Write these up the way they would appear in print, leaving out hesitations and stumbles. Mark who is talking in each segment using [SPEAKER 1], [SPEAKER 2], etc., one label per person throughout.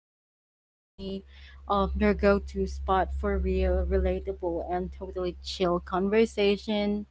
[SPEAKER 1] Talks with Queenie, your go to spot for real, relatable, and totally chill conversation.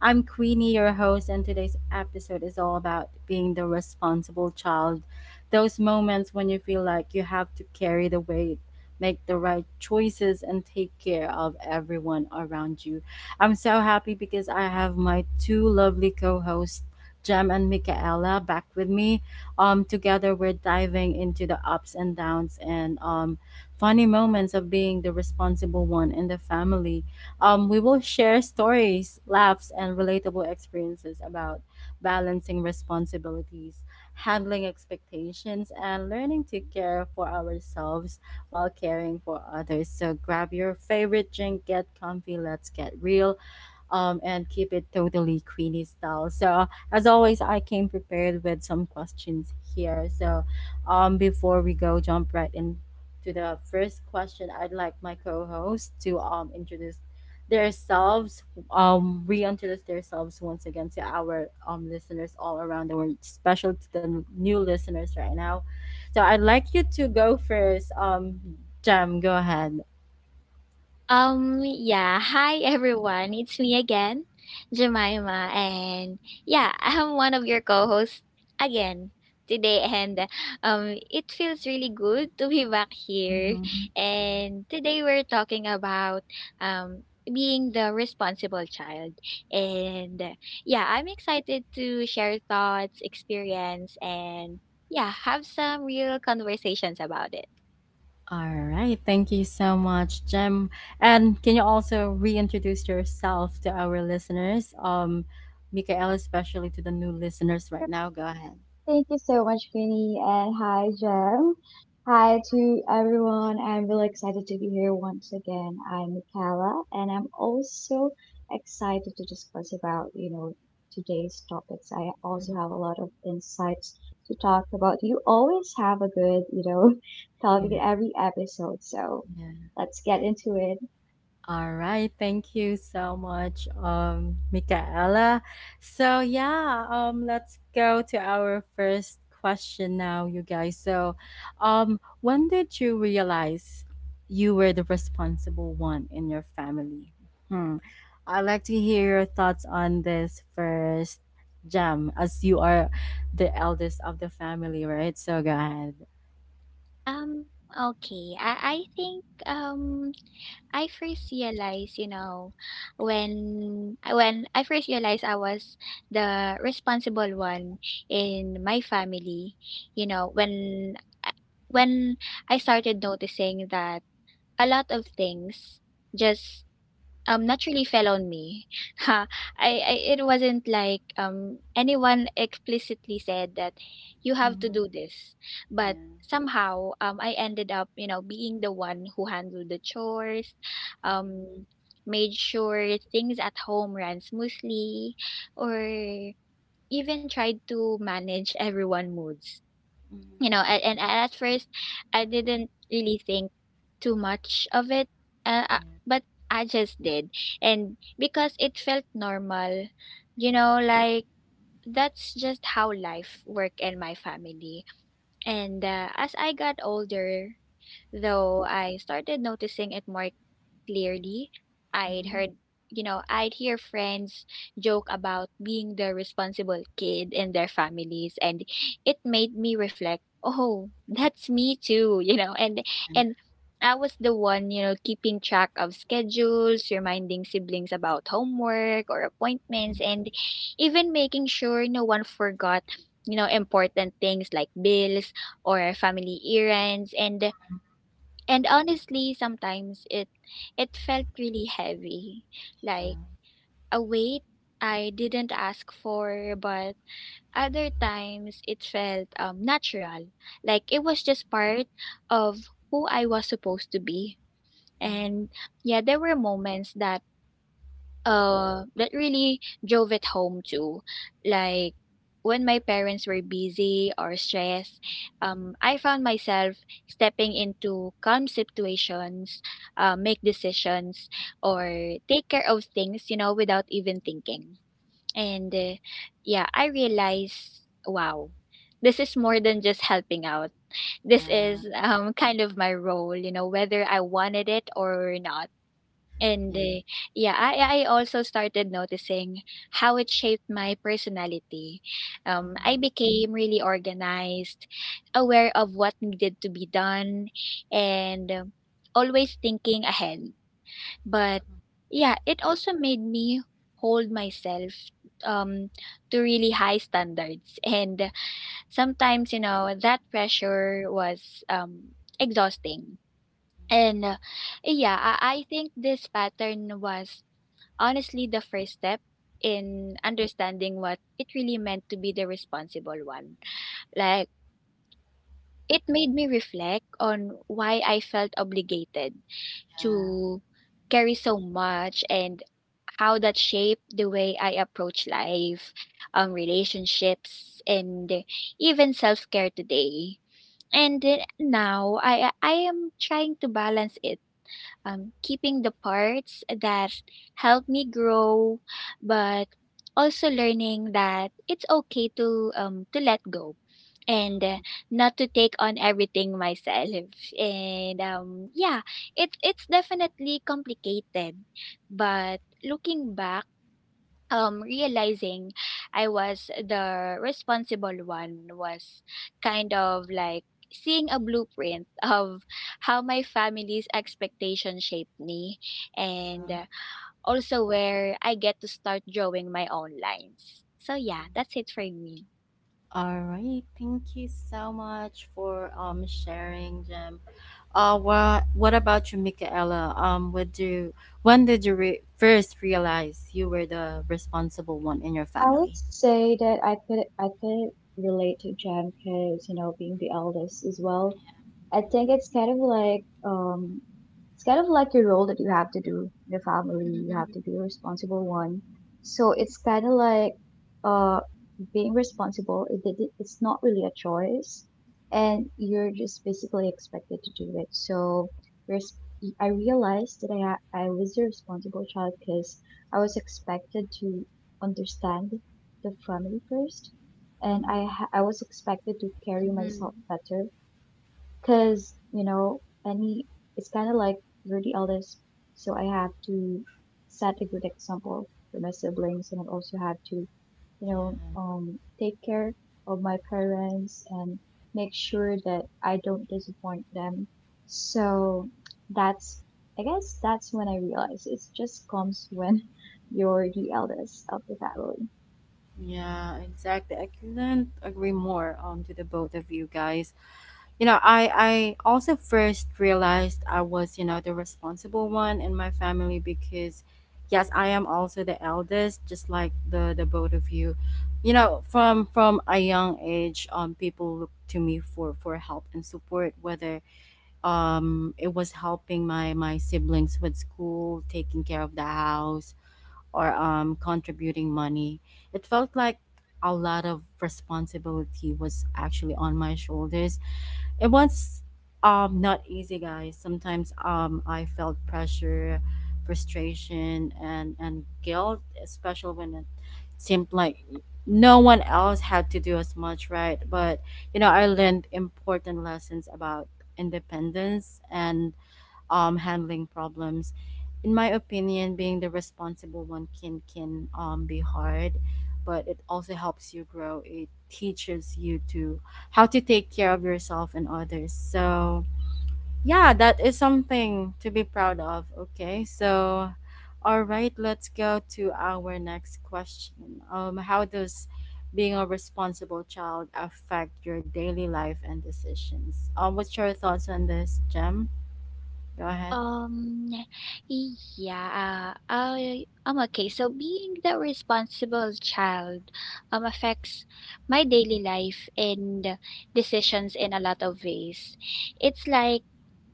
[SPEAKER 1] I'm Queenie, your host, and today's episode is all about being the responsible child. Those moments when you feel like you have to carry the weight, make the right choices, and take care of everyone around you. I'm so happy because I have my two lovely co hosts, Jem and Michaela, back with me. Together, we're diving into the ups and downs and funny moments of being the responsible one in the family. We will share stories, laughs, and relatable experiences about balancing responsibilities, handling expectations, and learning to care for ourselves while caring for others. So grab your favorite drink, get comfy, let's get real and keep it totally Queenie style. So as always, I came prepared with some questions here. So, before we go jump right into the first question, I'd like my co-host to introduce themselves, reintroduce themselves once again to our listeners all around the world, especially to the new listeners right now. So I'd like you to go first. Jam, go ahead.
[SPEAKER 2] Yeah. Hi, everyone. It's me again, Jemima. And yeah, I'm one of your co hosts again today. And it feels really good to be back here. And today we're talking about um, being the responsible child. And yeah, I'm excited to share thoughts, experience, and yeah, have some real conversations about it.
[SPEAKER 1] All right. Thank you so much, Jem. And can you also reintroduce yourself to our listeners? Mikael, especially to the new listeners right now. Go ahead.
[SPEAKER 3] Thank you so much, Queenie, and hi, Jem. Hi to everyone. I'm really excited to be here once again. I'm Michaela, and I'm also excited to discuss about, today's topics. I also have a lot of insights to talk about. You always have a good, topic in
[SPEAKER 1] Mhm.
[SPEAKER 3] every episode, so
[SPEAKER 1] Yeah.
[SPEAKER 3] let's get into it.
[SPEAKER 1] All right, thank you so much, Michaela. So yeah, let's go to our first question now, you guys. So, when did you realize you were the responsible one in your family? Hmm. I'd like to hear your thoughts on this first, Jam, as you are the eldest of the family, right? So go ahead.
[SPEAKER 2] Um, okay. I think I first realized, you know, when I first realized I was the responsible one in my family, you know, when uh, when I started noticing that a lot of things just naturally fell on me. Ha, I it wasn't like anyone explicitly said that you have to
[SPEAKER 1] Mm-hmm.
[SPEAKER 2] do this, but
[SPEAKER 1] Yeah.
[SPEAKER 2] somehow I ended up, you know, being the one who handled the chores, um
[SPEAKER 1] Mm-hmm.
[SPEAKER 2] made sure things at home ran smoothly, or even tried to manage everyone's moods, you know.
[SPEAKER 1] Mm-hmm.
[SPEAKER 2] And at first I didn't really think too much of it, but I just did, and because it felt normal, you
[SPEAKER 1] Yeah.
[SPEAKER 2] know, like that's just how life work in my family. And as I got older though, I started noticing it more clearly. I'd
[SPEAKER 1] Mm-hmm.
[SPEAKER 2] heard, you know, I'd hear friends joke about being the responsible kid in their families, and it made me reflect, oh, that's me too, you know. And I was the one, you know, keeping track of schedules, reminding siblings about homework or appointments, and even making sure no one forgot, you know, important things like bills or family errands. And honestly, sometimes it it felt really heavy, like
[SPEAKER 1] Mm-hmm.
[SPEAKER 2] a weight I didn't ask for. But other times it felt natural, like it was just part of who I was supposed to be. And yeah, there were moments that really drove it home too, like when my parents were busy or stressed, I found myself stepping into calm situations, make decisions or take care of things, you know, without even thinking. And yeah, I realized, wow, this is more than just helping out. This
[SPEAKER 1] Yeah.
[SPEAKER 2] is kind of my role, you know, whether I wanted it or not.
[SPEAKER 1] Mhm.
[SPEAKER 2] And
[SPEAKER 1] Yeah. Yeah.
[SPEAKER 2] yeah, I also started noticing how it shaped my personality.
[SPEAKER 1] Mhm.
[SPEAKER 2] I became really organized, aware of what needed to be done, and always thinking ahead. But yeah, it also made me hold myself um to really high standards, and sometimes, you know, that pressure was exhausting. And yeah, I think this pattern was honestly the first step in understanding what it really meant to be the responsible one. Like, it made me reflect on why I felt obligated
[SPEAKER 1] Yeah.
[SPEAKER 2] to carry so much, and how that shaped the way I approach life, relationships, and even self care today. And now I am trying to balance it, keeping the parts that help me grow, but also learning that it's okay to let go, and
[SPEAKER 1] Mhm.
[SPEAKER 2] not to take on everything myself. And yeah, it it's definitely complicated, but looking back, realizing I was the responsible one was kind of like seeing a blueprint of how my family's expectation shaped me, and
[SPEAKER 1] Yeah.
[SPEAKER 2] also where I get to start drawing my own lines. So yeah,
[SPEAKER 1] Mhm.
[SPEAKER 2] that's it for me.
[SPEAKER 1] All right. Thank you so much for sharing, Jim. What about you, Michaela? What do When did you first realize you were the responsible one in your
[SPEAKER 3] I would
[SPEAKER 1] family?
[SPEAKER 3] say that I could relate to Jen because, being the eldest as well. I think it's kind of like your role that you have to do in the family. You have to be a responsible one. So it's kind of like uh, being responsible. It's not really a choice, and you're just basically expected to do it. So res- I realized that I was a responsible child because I was expected to understand the family first, and I
[SPEAKER 1] Mhm.
[SPEAKER 3] ha- I was expected to carry myself better. Cause, any, it's kind of like you're the eldest. So I have to set a good example for my siblings. And I also have to,
[SPEAKER 1] Yeah.
[SPEAKER 3] take care of my parents and make sure that I don't disappoint them. So that's, I guess that's when I realized it just comes when you're the eldest of the
[SPEAKER 1] Yeah, exactly. I couldn't agree more to the both of you guys. You know, I also first realized I was, you know, the responsible one in my family because yes, I am also the eldest, just like the both of you. You know, from a young age, people look to me for help and support, whether it was helping my siblings with school, taking care of the house, or contributing money. It felt like a lot of responsibility was actually on my shoulders. It was not easy, guys. Sometimes I felt pressure, frustration, and guilt, especially when it seemed like no one else had to do as much, right? But, you know, I learned important lessons about independence and handling problems. In my opinion, being the responsible one can be hard, but it also helps you grow. It teaches you to how to take care of yourself and others. So yeah, that is something to be proud of. Okay, so all right, let's go to our next question. How does being a responsible child affect your daily life and decisions? What's your thoughts on this, Jem? Go ahead.
[SPEAKER 2] Um, okay. So being the responsible child affects my daily life and decisions in a lot of ways. It's like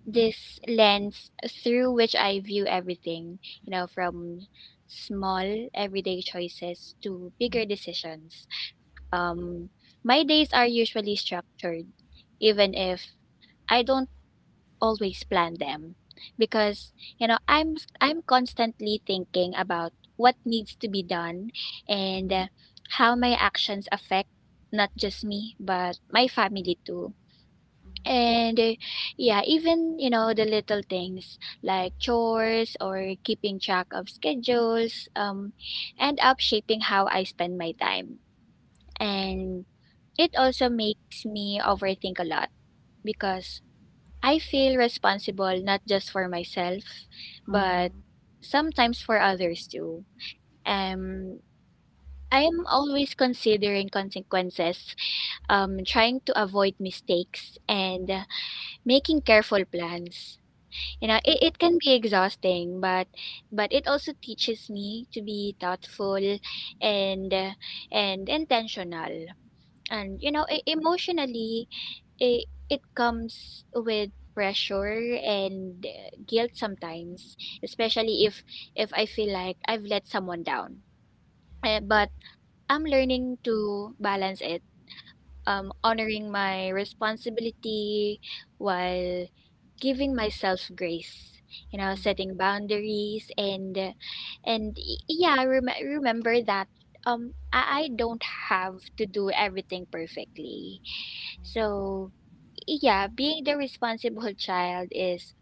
[SPEAKER 2] this lens through which I view everything, you know, from small everyday choices to bigger decisions. Um, my days are usually structured, even if I don't always plan them, because, you know, I'm constantly thinking about what needs to be done, and how my actions affect not just me but my family too. And yeah, even, you know, the little things like chores or keeping track of schedules end up shaping how I spend my time. And it also makes me overthink a lot, because I feel responsible not just for myself,
[SPEAKER 1] Mhm,
[SPEAKER 2] but sometimes for others too. Um, I am always considering consequences, trying to avoid mistakes, and making careful plans. You know, it can be exhausting, but it also teaches me to be thoughtful and uh, and intentional. And you know, emotionally, it comes with pressure and guilt sometimes, especially if I feel like I've let someone down. But I'm learning to balance it, honoring my responsibility while giving myself grace, you know, setting
[SPEAKER 1] mhm.
[SPEAKER 2] boundaries, and remember that I don't have to do everything perfectly. So yeah, being the responsible child is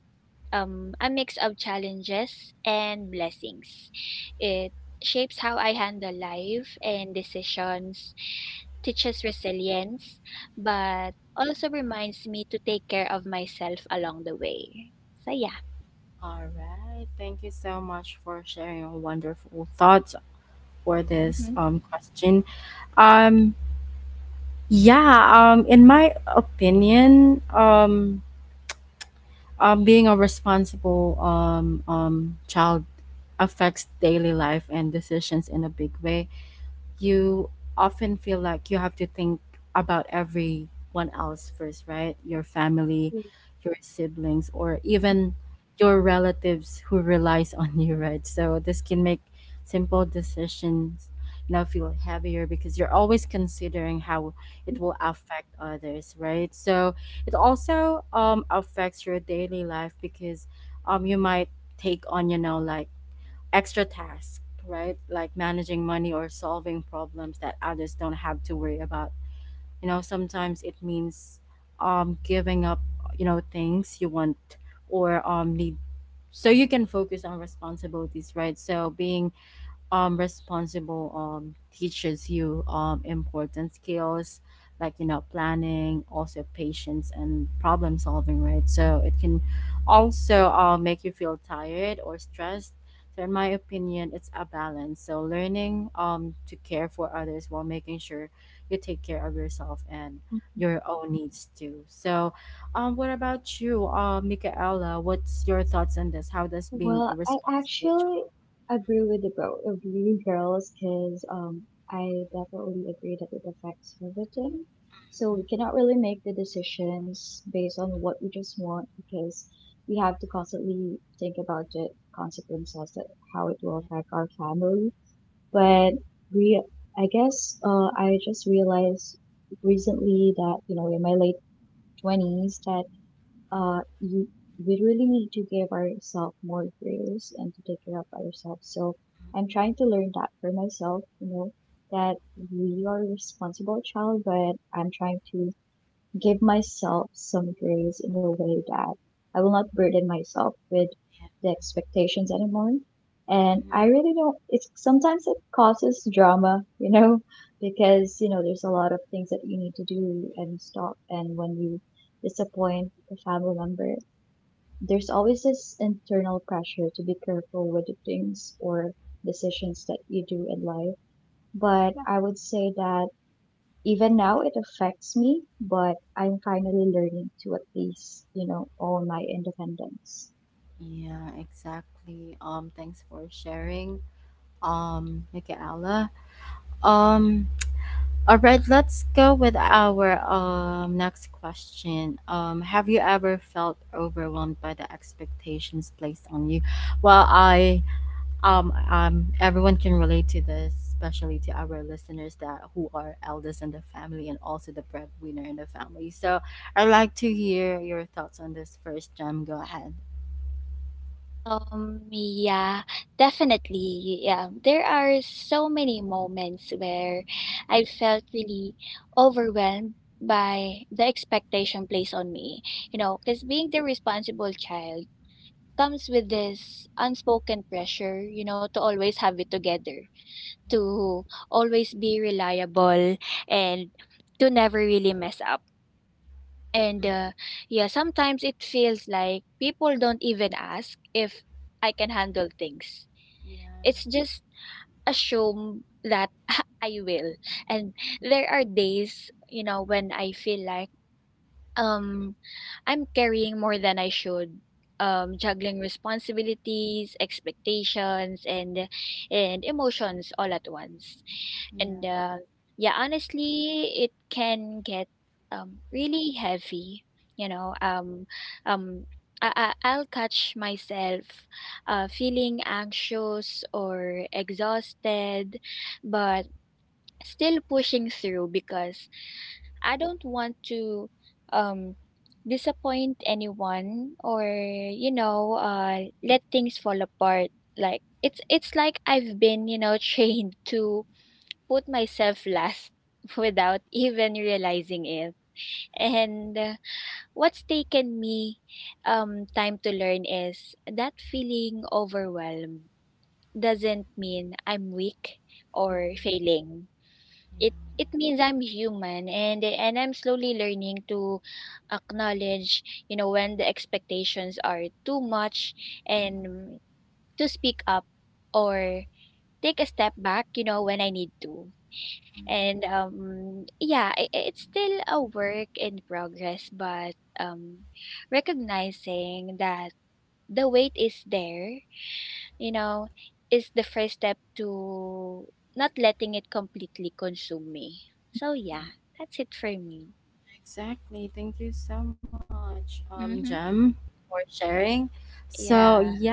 [SPEAKER 2] a mix of challenges and blessings. It shapes how I handle life and decisions, teaches resilience, but also reminds me to take care of myself along the way. So yeah.
[SPEAKER 1] All right. Thank you so much for sharing your wonderful thoughts for this question. Um yeah, in my opinion, being a responsible child affects daily life and decisions in a big way. You often feel like you have to think about everyone else first, right? Your family,
[SPEAKER 3] family.
[SPEAKER 1] your siblings, or even your relatives who relies on you, right? So this can make simple decisions, you know, feel heavier because you're always considering how it will affect others, right? So it also affects your daily life because you might take on, you know, like extra tasks, right? Like managing money or solving problems that others don't have to worry about. You know, sometimes it means giving up, you know, things you want or need, so you can focus on responsibilities, right? So being responsible teaches you important skills like, you know, planning, also patience and problem solving, right? So it can also make you feel tired or stressed. So in my opinion, it's a balance, so learning to care for others while making sure you take care of yourself and your own needs too. So what about you, Michaela? What's your thoughts on this? How does being
[SPEAKER 3] Well,
[SPEAKER 1] a
[SPEAKER 3] I
[SPEAKER 1] responsible child...
[SPEAKER 3] actually agree with the both of you girls because I definitely agree that it affects everything. So we cannot really make the decisions based on what we just want because we have to constantly think about the consequences that how it will affect our family. But we, I just realized recently that in my late 20s that uh, you, we really need to give ourselves more grace and to take care of ourselves. So I'm trying to learn that for myself, that we are a responsible child, but I'm trying to give myself some grace in a way that I will not burden myself with the expectations anymore. And I really don't, it's sometimes it causes drama, because, there's a lot of things that you need to do and stop. And when you disappoint a family member, there's always this internal pressure to be careful with the things or decisions that you do in life. But I would say that even now, it affects me, but I'm finally learning to at least, own my independence.
[SPEAKER 1] Yeah, exactly. Thanks for sharing, Michaela. Um, all right, let's go with our next question. Have you ever felt overwhelmed by the expectations placed on you? Well, I everyone can relate to this, especially to our listeners that who are eldest in the family and also the breadwinner in the family. So I'd like to hear your thoughts on this first, Jam. Go ahead.
[SPEAKER 2] Yeah, definitely. Yeah, there are so many moments where I felt really overwhelmed by the expectation placed on me, you know, because being the responsible child comes with this unspoken pressure, you know, to always have it together, to always be reliable, and to never really mess up.
[SPEAKER 1] Mhm,
[SPEAKER 2] And
[SPEAKER 1] mhm.
[SPEAKER 2] yeah, sometimes it feels like people don't even ask if I can handle things.
[SPEAKER 1] Yeah.
[SPEAKER 2] It's just assume that I will. And there are days, you know, when I feel like um, I'm carrying more than I should. Juggling responsibilities, expectations, and emotions all at once. And
[SPEAKER 1] Yeah.
[SPEAKER 2] yeah, honestly, it can get really heavy. You know, um, I'll catch myself feeling anxious or exhausted, but still pushing through because I don't want to um disappoint anyone, or, you know, let things fall apart. Like it's like I've been, you know, trained to put myself last without even realizing it. And what's taken me time to learn is that feeling overwhelmed doesn't mean I'm weak or
[SPEAKER 1] Mhm.
[SPEAKER 2] failing. It
[SPEAKER 1] Yeah.
[SPEAKER 2] means I'm human, and I'm slowly learning to acknowledge, you know, when the expectations are too much, and to speak up or take a step back, you know, when I need to.
[SPEAKER 1] Mhm.
[SPEAKER 2] And yeah, it's still a work in progress, but um recognizing that the weight is there, you know, is the first step to not letting it completely consume me. So
[SPEAKER 1] Mm,
[SPEAKER 2] yeah, that's it for me.
[SPEAKER 1] exactly. Thank you so much,
[SPEAKER 2] Mm-hmm.
[SPEAKER 1] Jem, for sharing. So
[SPEAKER 2] Yeah.
[SPEAKER 1] yeah,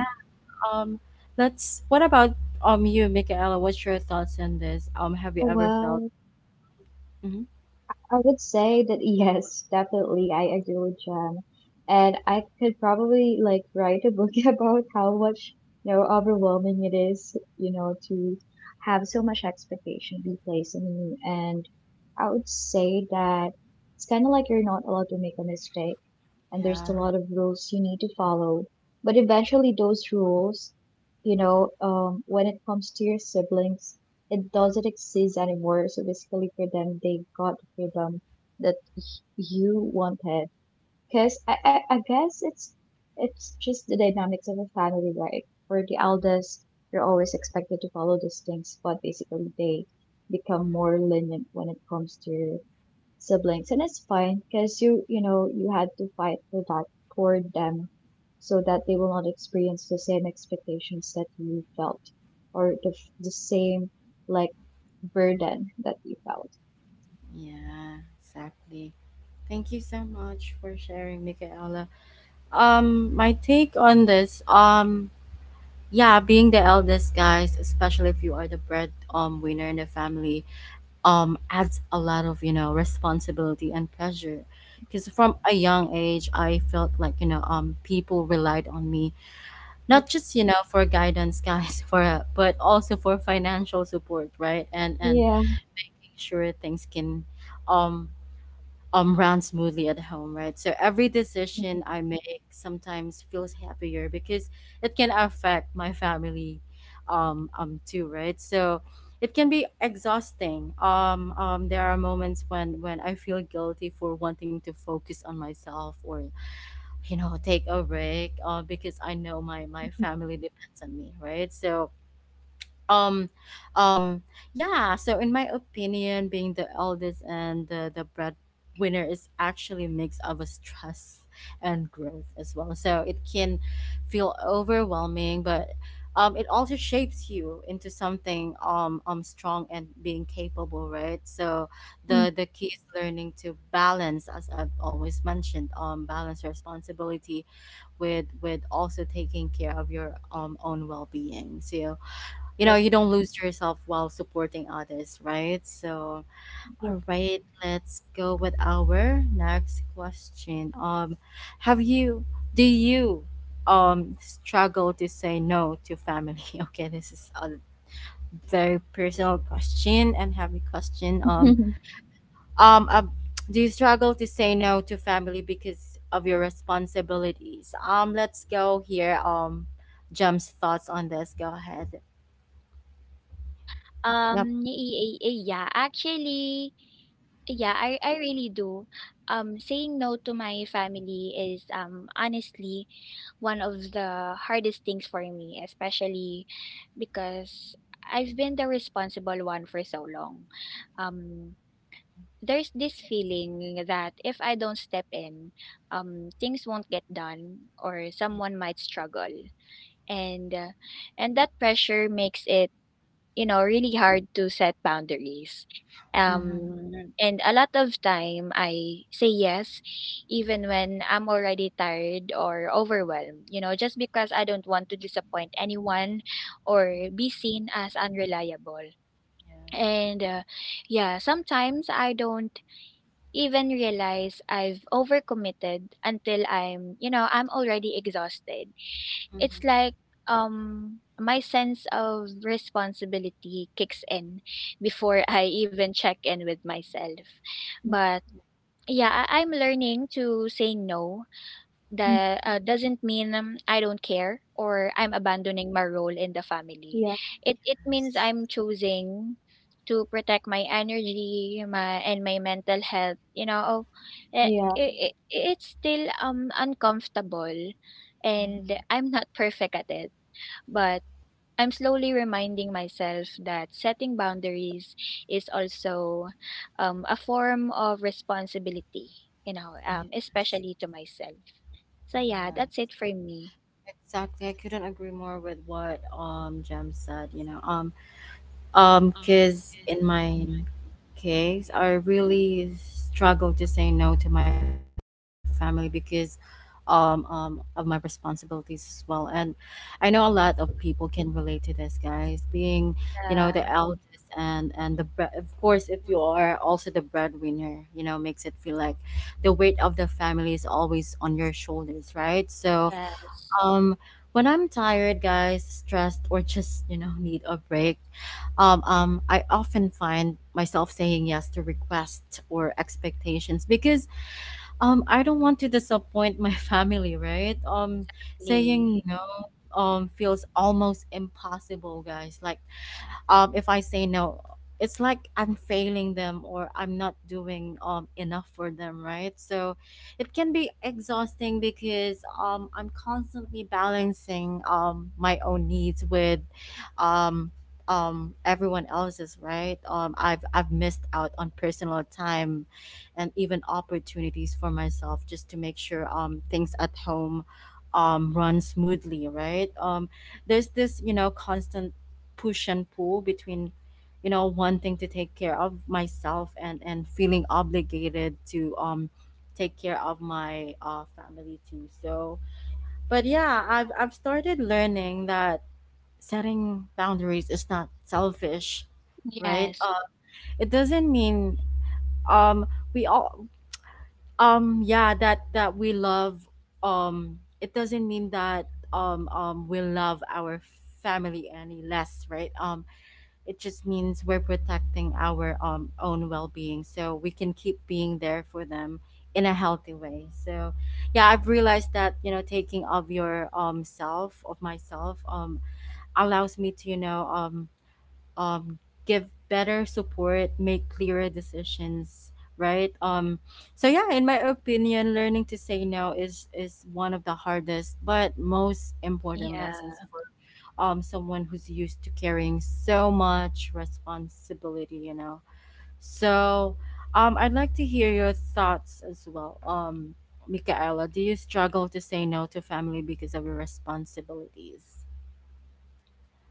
[SPEAKER 1] um, let's. What about you, Michaela? What's your thoughts on this? Have you ever felt?
[SPEAKER 3] Well,
[SPEAKER 1] Mhm.
[SPEAKER 3] I would say that yes, definitely. I agree with Jen. And I could probably like write a book about how much, overwhelming it is, to have so much expectation be placed on you. And I would say that it's kind of like you're not allowed to make a mistake and there's a
[SPEAKER 1] Yeah.
[SPEAKER 3] lot of rules you need to follow. But eventually those rules, when it comes to your siblings, it doesn't exist anymore. So basically, for them, they got the freedom that you wanted. Cause I guess it's just the dynamics of a family, right? For the eldest, you're always expected to follow these things, but basically they become more lenient when it comes to siblings, and it's fine because you know you had to fight for that for them, so that they will not experience the same expectations that you felt, or the same like burden that you felt.
[SPEAKER 1] Yeah. Exactly. Thank you so much for sharing, Michaela. My take on this, yeah, being the eldest, guys, especially if you are the bread winner in the family, adds a lot of, you know, responsibility and pressure, because from a young age I felt like, you know, people relied on me, not just, you know, for guidance, guys, for but also for financial support, right? And
[SPEAKER 3] Yeah.
[SPEAKER 1] sure things can um run smoothly at home, right? So every decision I make sometimes feels happier because it can affect my family too, right? So it can be exhausting. There are moments when I feel guilty for wanting to focus on myself or, you know, take a break, because I know my family depends on me, right? So um um yeah, so in my opinion, being the eldest and the breadwinner is actually a mix of a stress and growth as well, so it can feel overwhelming but it also shapes you into something strong and being capable, right? So the
[SPEAKER 3] Yeah.
[SPEAKER 1] key is learning to balance, as I've always mentioned, balance responsibility with also taking care of your own well-being, so you know, you don't lose yourself while supporting others, right? So all right, let's go with our next question. Have you Do you struggle to say no to family? Okay, this is a very personal question and heavy question. Um uh, do you struggle to say no to family because of your responsibilities? Let's go here. Jum's thoughts on this. Go ahead. Yep.
[SPEAKER 2] Um yeah, yeah, actually, yeah, I really do. Um, saying no to my family is honestly one of the hardest things for me, especially because I've been the responsible one for so long. Um, there's this feeling that if I don't step in, things won't get done or someone might struggle. And uh, and that pressure makes it, you know, really hard to set boundaries.
[SPEAKER 1] Mm-hmm.
[SPEAKER 2] And a lot of time I say yes, even when I'm already tired or overwhelmed, you know, just because I don't want to disappoint anyone or be seen as unreliable.
[SPEAKER 1] Yeah.
[SPEAKER 2] And yeah, sometimes I don't even realize I've overcommitted until I'm, you know, I'm already exhausted. It's
[SPEAKER 1] Mhm.
[SPEAKER 2] like my sense of responsibility kicks in before I even check in with myself. But yeah, I'm learning to say no that doesn't mean I don't care or I'm abandoning my role in the family. It it means
[SPEAKER 1] Yes.
[SPEAKER 2] I'm choosing to protect my energy, my and my mental health. You know, Eh,
[SPEAKER 3] Yeah.
[SPEAKER 2] it's still uncomfortable, and
[SPEAKER 1] Mm,
[SPEAKER 2] I'm not perfect at it, but I'm slowly reminding myself that setting boundaries is also a form of responsibility, you know,
[SPEAKER 1] yes.
[SPEAKER 2] especially to myself. So yeah, that's
[SPEAKER 1] Yes.
[SPEAKER 2] it for me.
[SPEAKER 1] Exactly. I couldn't agree more with what Jem said, you know. Cuz in my case, I really struggle to say no to my family because um, um, of my responsibilities as well. And I know a lot of people can relate to this, guys. Being, you know, the
[SPEAKER 2] Yeah.
[SPEAKER 1] eldest and the of course, if you are also the breadwinner, you know, makes it feel like the weight of the family is always on your shoulders, right? So,
[SPEAKER 2] Yes.
[SPEAKER 1] um, when I'm tired, guys, stressed, or just, you know, need a break, I often find myself saying yes to requests or expectations because I don't want to disappoint my family, right? Saying
[SPEAKER 2] Lee.
[SPEAKER 1] no feels almost impossible, guys. Like if I say no, it's like I'm failing them or I'm not doing enough for them, right? So it can be exhausting because I'm constantly balancing my own needs with um, everyone else's, right? I've missed out on personal time and even opportunities for myself just to make sure things at home run smoothly, right? There's this, you know, constant push and pull between, you know, wanting to take care of myself and feeling obligated to take care of my family too. So but yeah, I've started learning that setting boundaries is not selfish, right?
[SPEAKER 2] Yes.
[SPEAKER 1] It doesn't mean um we all yeah that that we love it doesn't mean that we love our family any less, right? It just means we're protecting our own well-being, so we can keep being there for them in a healthy way. So yeah, I've realized that, you know, taking of your self of myself allows me to, you know, um, give better support, make clearer decisions, right? So yeah, in my opinion, learning to say no is one of the hardest but most important
[SPEAKER 2] Yeah.
[SPEAKER 1] lessons for someone who's used to carrying so much responsibility, you know. So I'd like to hear your thoughts as well. Michaela, do you struggle to say no to family because of your responsibilities?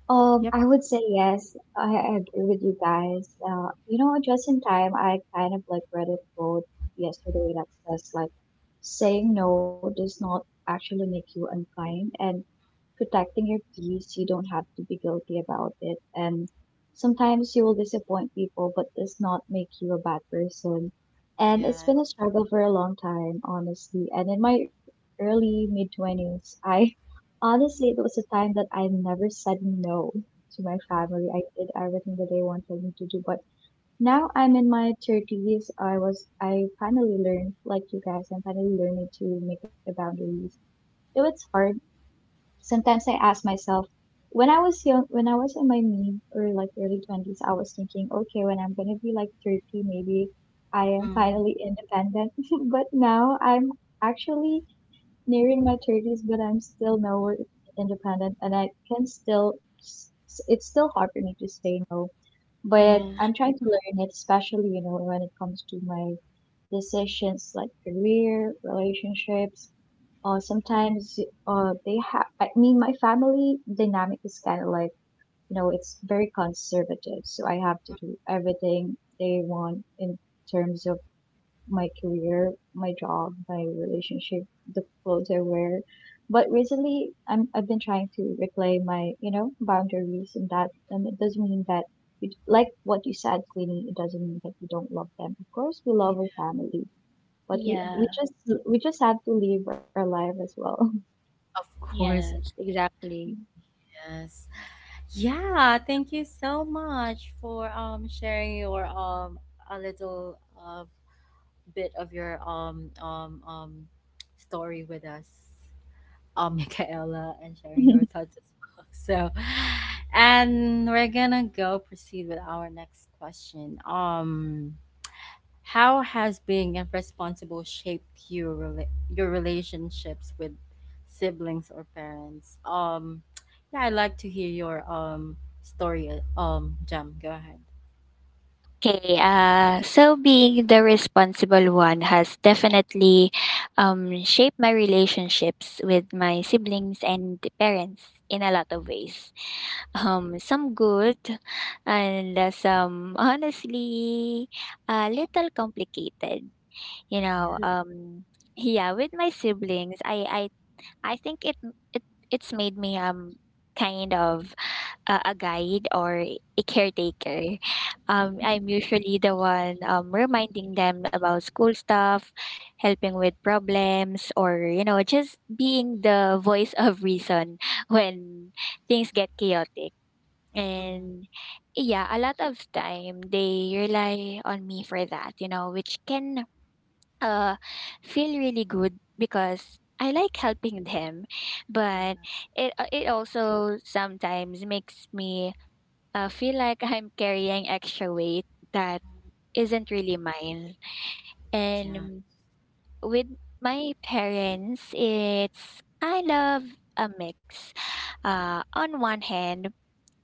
[SPEAKER 1] Yep.
[SPEAKER 3] I would say yes. I agree with you guys. Just in time, I kind of like read a quote yesterday that says like saying no does not actually make you unkind, and protecting your peace. You don't have to be guilty about it. And sometimes you will disappoint people, but does not make you a bad person. And it's
[SPEAKER 1] Yeah.
[SPEAKER 3] been a struggle for a long time, honestly. And in my early mid 20s, I honestly, it was a time that I never said no to my family. I did everything that they wanted me to do. But now I'm in my 30s. I finally learned, like you guys, I'm finally learning to make the boundaries. Though it's hard. Sometimes I ask myself, when I was young, when I was in my mid or like early 20s, I was thinking, okay, when I'm gonna be like 30, maybe I am
[SPEAKER 1] Mm,
[SPEAKER 3] finally independent. But now I'm actually nearing my 30s, but I'm still nowhere independent, and I can still, it's still hard for me to say no. But
[SPEAKER 1] yeah.
[SPEAKER 3] I'm trying to learn it, especially, when it comes to my decisions like career, relationships, or sometimes I mean, my family dynamic is kind of like, it's very conservative. So I have to do everything they want in terms of my career, my job, my relationship, the clothes I wear. But recently, I've been trying to reclaim my, boundaries and it doesn't mean that you, like what you said, Queenie, it doesn't mean that you don't love them. Of course, we love our family, but we we
[SPEAKER 1] Mhm.
[SPEAKER 2] Yeah.
[SPEAKER 3] just we just have to live our life as well.
[SPEAKER 1] Of course,
[SPEAKER 2] Yes. Exactly.
[SPEAKER 1] yes. Yeah, thank you so much for sharing your a little bit of your story with us. Michaela and sharing her thoughts as well. So, and we're gonna go proceed with our next question. How has being irresponsible shaped your your relationships with siblings or parents? Yeah, I'd like to hear your story. Jam, go ahead.
[SPEAKER 2] Okay, so being the responsible one has definitely shaped my relationships with my siblings and parents in a lot of ways. Some good, and some honestly a little complicated. you know
[SPEAKER 1] Yeah.
[SPEAKER 2] um yeah, with my siblings, I think it it's made me kind of a guide or a caretaker. Um, I'm usually the one reminding them about school stuff, helping with problems, or, you know, just being the voice of reason when things get chaotic.
[SPEAKER 1] Mm,
[SPEAKER 2] And yeah, a lot of time they rely on me for that, you know, which can uh feel really good because I like helping them. But it it also sometimes makes me feel like I'm carrying extra weight that isn't really mine.
[SPEAKER 1] yeah.
[SPEAKER 2] And with my parents, it's kind of a mix. On one hand,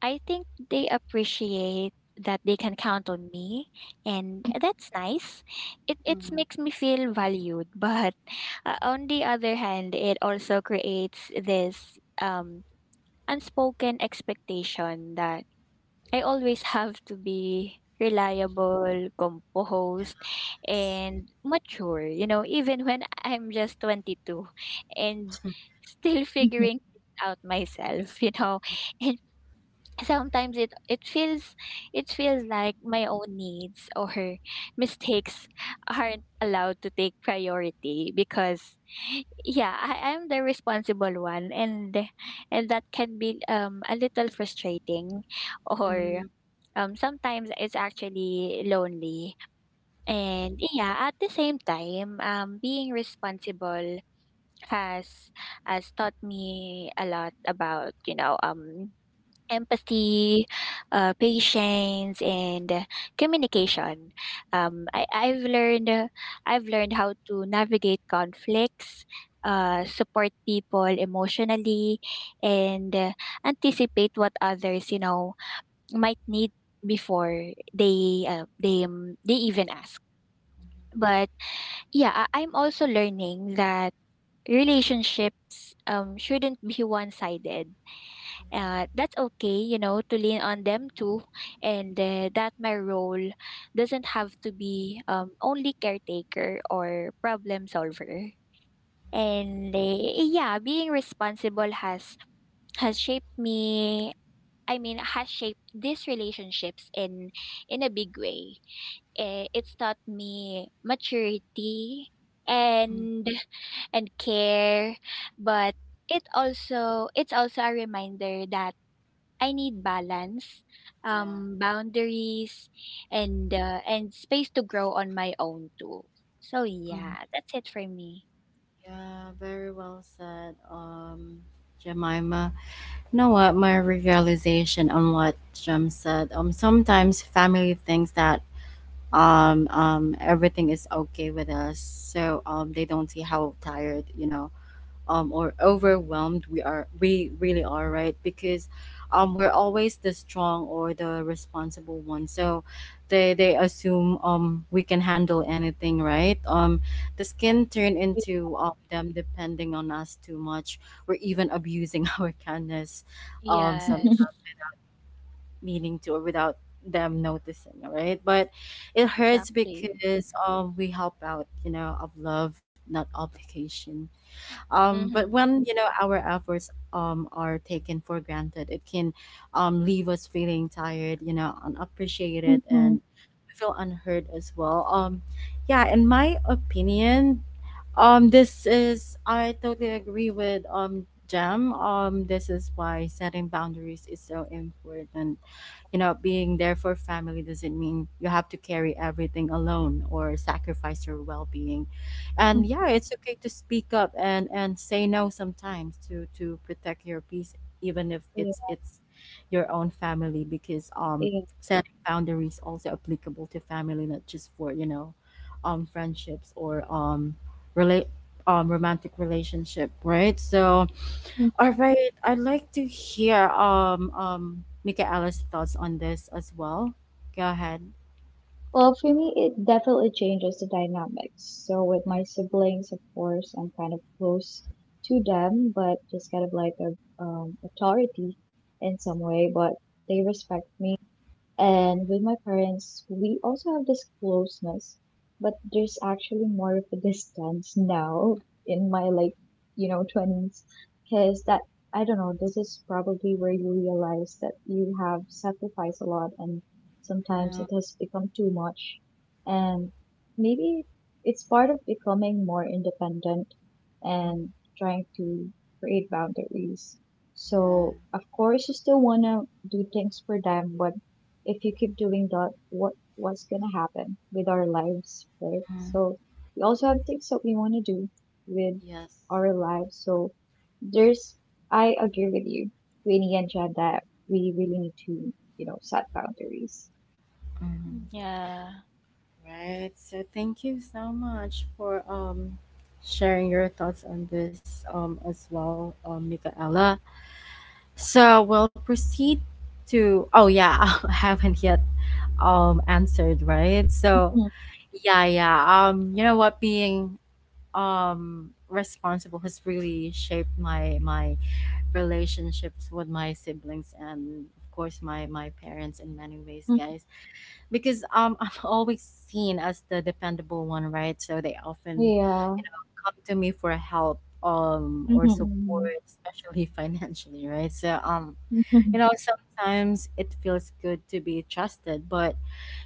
[SPEAKER 2] I think they appreciate that they can count on me, and that's nice. It
[SPEAKER 1] Mm.
[SPEAKER 2] makes me feel valued, but on the other hand, it also creates this unspoken expectation that I always have to be reliable, composed,
[SPEAKER 1] Yes.
[SPEAKER 2] and mature, you know, even when I'm just 22 and still figuring things out myself. And sometimes it feels like my own needs or mistakes aren't allowed to take priority because yeah, I'm the responsible one, and that can be a little frustrating, or
[SPEAKER 1] Mm,
[SPEAKER 2] sometimes it's actually lonely. And yeah, at the same time, being responsible has has taught me a lot about, you know, empathy, patience, and communication. I've learned. I've learned how to navigate conflicts, support people emotionally, and anticipate what others might need before they even ask. But yeah, I'm also learning that relationships shouldn't be one-sided, that's okay, you know, to lean on them too, and that my role doesn't have to be only caretaker or problem solver. And yeah, being responsible has shaped me. I mean, has shaped these relationships in a big way. It's taught me maturity and and care, but it's also a reminder that I need balance,
[SPEAKER 1] Yeah.
[SPEAKER 2] boundaries, and space to grow on my own too. So
[SPEAKER 1] Yeah.
[SPEAKER 2] yeah, that's it for me.
[SPEAKER 1] Yeah, very well said, Jemima. You know what? My realization on what Jem said. Sometimes family thinks that everything is okay with us, so they don't see how tired, you know, or overwhelmed we really are, right? Because we're always the strong or the responsible one, so they assume we can handle anything, right? The skin turn into, them depending on us too much or even abusing our kindness,
[SPEAKER 2] Yes,
[SPEAKER 1] some meaning to or without them noticing, right? But it hurts
[SPEAKER 2] exactly.
[SPEAKER 1] because we help out, you know, of love, not obligation, but
[SPEAKER 2] Mm-hmm.
[SPEAKER 1] when, you know, our efforts are taken for granted, it can, leave us feeling tired, you know, unappreciated, and feel unheard as well. Yeah, in my opinion, this is, I totally agree with Jam. This is why setting boundaries is so important. You know, being there for family doesn't mean you have to carry everything alone or sacrifice your well-being. And yeah, it's okay to speak up and say no sometimes to protect your peace, even if it's
[SPEAKER 3] Yeah,
[SPEAKER 1] it's your own family, because
[SPEAKER 3] yeah.
[SPEAKER 1] setting boundaries also applicable to family, not just for, you know, friendships or rela- romantic relationship, right? So, all right, I'd like to hear Michaela's thoughts on this as well. Go ahead.
[SPEAKER 3] Well, for me, it definitely changes the dynamics. So with
[SPEAKER 1] Mm.
[SPEAKER 3] my siblings, of course, I'm kind of close to them, but just kind of like a authority in some way. But they respect me. And with my parents, we also have this closeness, but there's actually more of a distance now in my 20s. Because I don't know, this is probably where you realize that you have sacrificed a lot and sometimes
[SPEAKER 1] Yeah.
[SPEAKER 3] it has become too much. And maybe it's part of becoming more independent
[SPEAKER 1] Mm.
[SPEAKER 3] and trying to create boundaries.
[SPEAKER 1] Yeah.
[SPEAKER 3] So, of course, you still want to do things for them, but if you keep doing that, what's gonna happen with our lives, right?
[SPEAKER 1] Mm.
[SPEAKER 3] So we also have things that we want to do with
[SPEAKER 1] Yes.
[SPEAKER 3] our lives. So there's, I agree with you, Winnie and Jan, that we really need to, set boundaries.
[SPEAKER 1] Mhm.
[SPEAKER 2] Yeah.
[SPEAKER 1] Right. So thank you so much for sharing your thoughts on this as well, Michaela. So we'll proceed to oh yeah, I haven't yet answered, right? So
[SPEAKER 3] Mhm,
[SPEAKER 1] yeah, yeah. You know what? Being responsible has really shaped my relationships with my siblings and of course my parents in many ways,
[SPEAKER 3] mhm.
[SPEAKER 1] guys. Because I'm always seen as the dependable one, right? So they often,
[SPEAKER 3] Yeah.
[SPEAKER 1] you know, come to me for help or support,
[SPEAKER 3] Mhm,
[SPEAKER 1] especially financially, right? So
[SPEAKER 3] mhm,
[SPEAKER 1] you
[SPEAKER 3] mhm.
[SPEAKER 1] know, sometimes it feels good to be trusted, but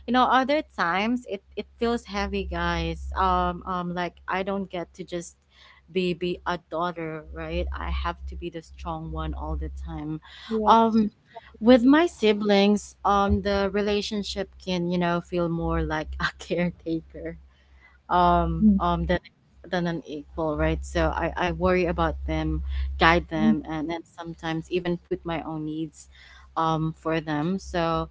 [SPEAKER 1] you know other times it feels heavy, guys, like I don't get to just be a daughter, right? I have to be the strong one all the time.
[SPEAKER 3] Yes.
[SPEAKER 1] um with my siblings, the relationship can, you know, feel more like a caretaker,
[SPEAKER 3] Mhm,
[SPEAKER 1] than an equal, right? So I worry about them, guide
[SPEAKER 3] mhm.
[SPEAKER 1] them, and then sometimes even put my own needs for them. So,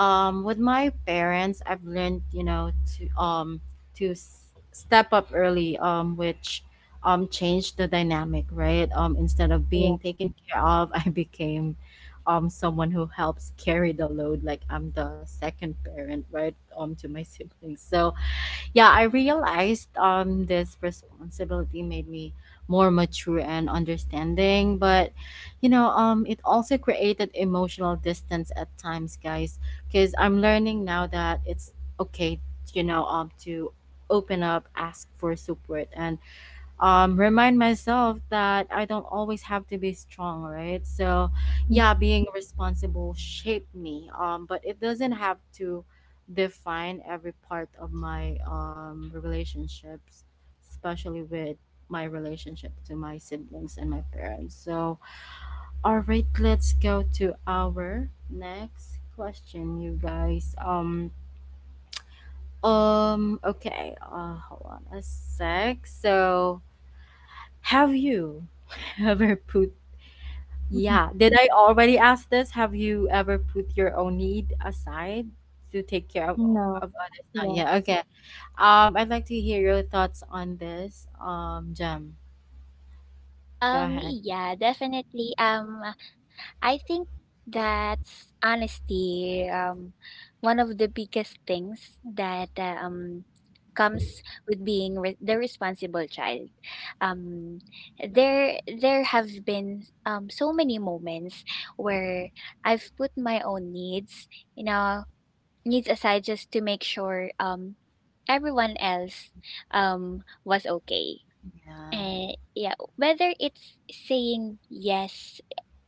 [SPEAKER 1] with my parents, I've learned, you know, to to s- step up early, which changed the dynamic, right? Um, instead of
[SPEAKER 3] Yeah.
[SPEAKER 1] being taken care of, I became someone who helps carry the load, like I'm the second parent, right? To my siblings. So yeah, I realized this responsibility made me more mature and understanding, but, you know, it also created emotional distance at times, guys, because I'm learning now that it's okay, you know, to open up, ask for support, and, remind myself that I don't always have to be strong, right? So,
[SPEAKER 3] Mhm,
[SPEAKER 1] yeah, being responsible shaped me, but it doesn't have to define every part of my, relationships, especially with my relationship to my siblings and my parents. So, all right, let's go to our next question, you guys. Okay, hold on a sec. So, have you ever put,
[SPEAKER 3] mhm.
[SPEAKER 1] yeah, did I already ask this? Have you ever put your own need aside to take care of others? Not
[SPEAKER 3] No.
[SPEAKER 1] yet. Okay. I'd like to hear your thoughts on this. Jem, go ahead.
[SPEAKER 2] Yeah, definitely. I think that's honesty. One of the biggest things that comes with being the responsible child. Um, there have been so many moments where I've put my own needs, you know, needs aside just to make sure everyone else was okay.
[SPEAKER 1] Yeah.
[SPEAKER 2] Yeah, whether it's saying yes,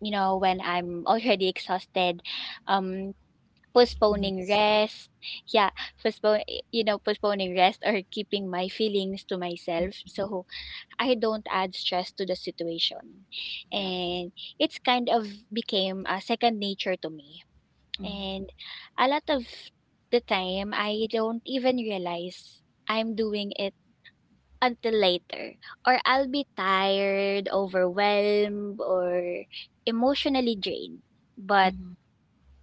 [SPEAKER 2] you know, when I'm already exhausted, um, postponing
[SPEAKER 1] Yes.
[SPEAKER 2] rest, yeah, postpone, you know, postponing rest, or keeping my feelings to
[SPEAKER 1] Mm,
[SPEAKER 2] myself so I don't add stress to the situation.
[SPEAKER 1] Yeah.
[SPEAKER 2] And it's kind of became a second nature to me. And
[SPEAKER 1] Mm-hmm.
[SPEAKER 2] a lot of the time, I don't even realize I'm doing it until later, or I'll be tired, overwhelmed, or emotionally drained. But
[SPEAKER 1] Mm-hmm.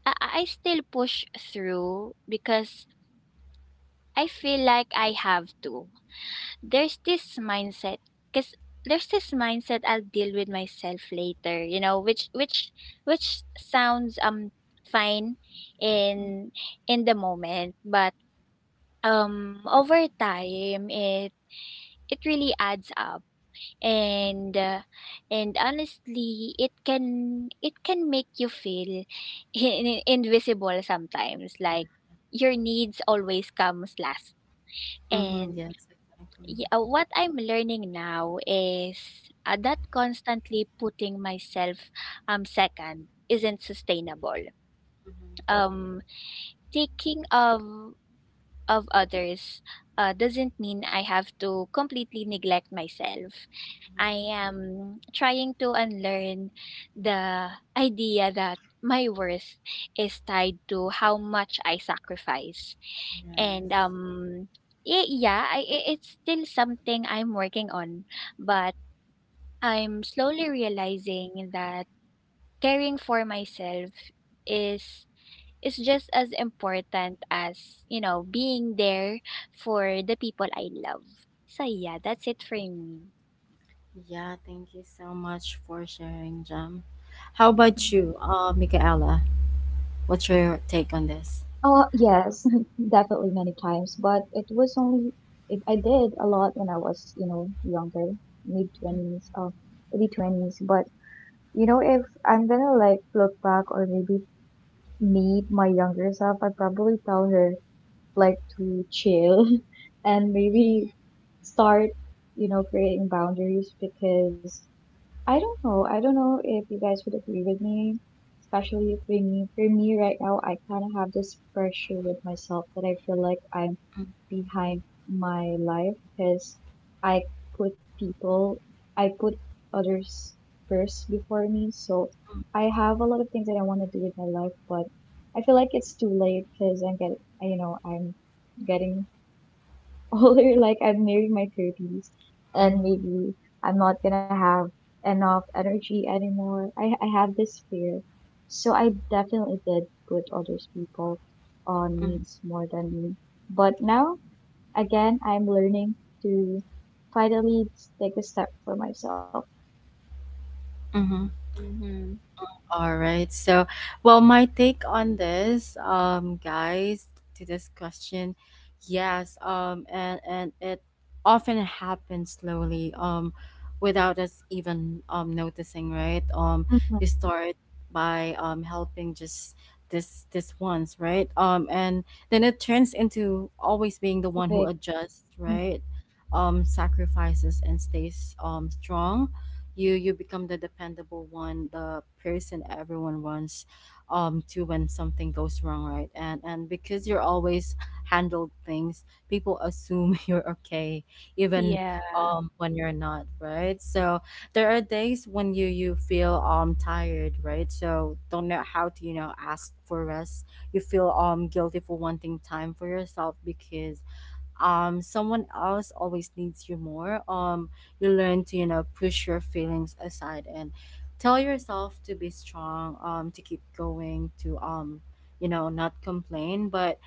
[SPEAKER 2] I still push through because I feel like I have to. There's this mindset cuz there's this mindset, I'll deal with myself later, you know, which sounds fine in the moment, but over time it it really adds up.
[SPEAKER 1] Mm-hmm.
[SPEAKER 2] And uh, and honestly, it can make you feel in- invisible sometimes,
[SPEAKER 1] Yeah.
[SPEAKER 2] like your needs always comes last
[SPEAKER 1] Mm-hmm.
[SPEAKER 2] and
[SPEAKER 1] Yes, exactly.
[SPEAKER 2] yeah, what I'm learning now is, that constantly putting myself second isn't sustainable.
[SPEAKER 1] Mm-hmm.
[SPEAKER 2] um Thinking of others, doesn't mean I have to completely neglect myself. I
[SPEAKER 1] Mm-hmm.
[SPEAKER 2] am trying to unlearn the idea that my worth is tied to how much I sacrifice. And
[SPEAKER 1] Yes.
[SPEAKER 2] yeah, it's still something I'm working on, but I'm slowly realizing that caring for myself is just as important as, you know, being there for the people I love. So yeah, that's it for me.
[SPEAKER 1] Yeah, thank you so much for sharing, Jem. How about you, Michaela? What's
[SPEAKER 3] Uh,
[SPEAKER 1] your take on
[SPEAKER 3] yes,
[SPEAKER 1] this?
[SPEAKER 3] definitely many times, but it was only it, I did a lot when I was, younger, mid 20s, early 20s. But if I'm gonna like look back or maybe meet my younger self, I'd probably tell her like to chill and
[SPEAKER 2] Mhm.
[SPEAKER 3] maybe start, creating boundaries because I don't know. I don't know if you guys would agree with me, especially for me right now, I kind of have this pressure with myself that I feel like I'm
[SPEAKER 1] Mhm,
[SPEAKER 3] behind my life because I put people, I put others first before me. So I have a lot of things that I want to do with my life, but I feel like it's too late because I'm getting older, like I'm nearing my 30s,
[SPEAKER 1] mhm,
[SPEAKER 3] and maybe I'm not gonna have enough energy anymore. I have this fear. So I definitely did put other people on
[SPEAKER 1] mhm,
[SPEAKER 3] needs more than me. But now, again, I'm learning to finally take a step for myself.
[SPEAKER 1] mhm,
[SPEAKER 2] Mm-hmm.
[SPEAKER 1] all right. So, well, my take on this, guys, to this question, yes, and it often happens slowly, without us even noticing, right?
[SPEAKER 3] Mhm.
[SPEAKER 1] You start by helping just this once, right? And then it turns into always being the one who adjusts, right? Sacrifices and stays strong, you become the dependable one, the person everyone runs to when something goes wrong, right? And because you're always handled things, people assume you're okay, even
[SPEAKER 2] Yeah.
[SPEAKER 1] when you're not, right? So there are days when you feel tired, right? So don't know how to, you know, ask for rest. You feel guilty for wanting time for yourself because someone else always needs you more. You learn to, you know, push your feelings aside and tell yourself to be strong, to keep going, to you know, not complain, but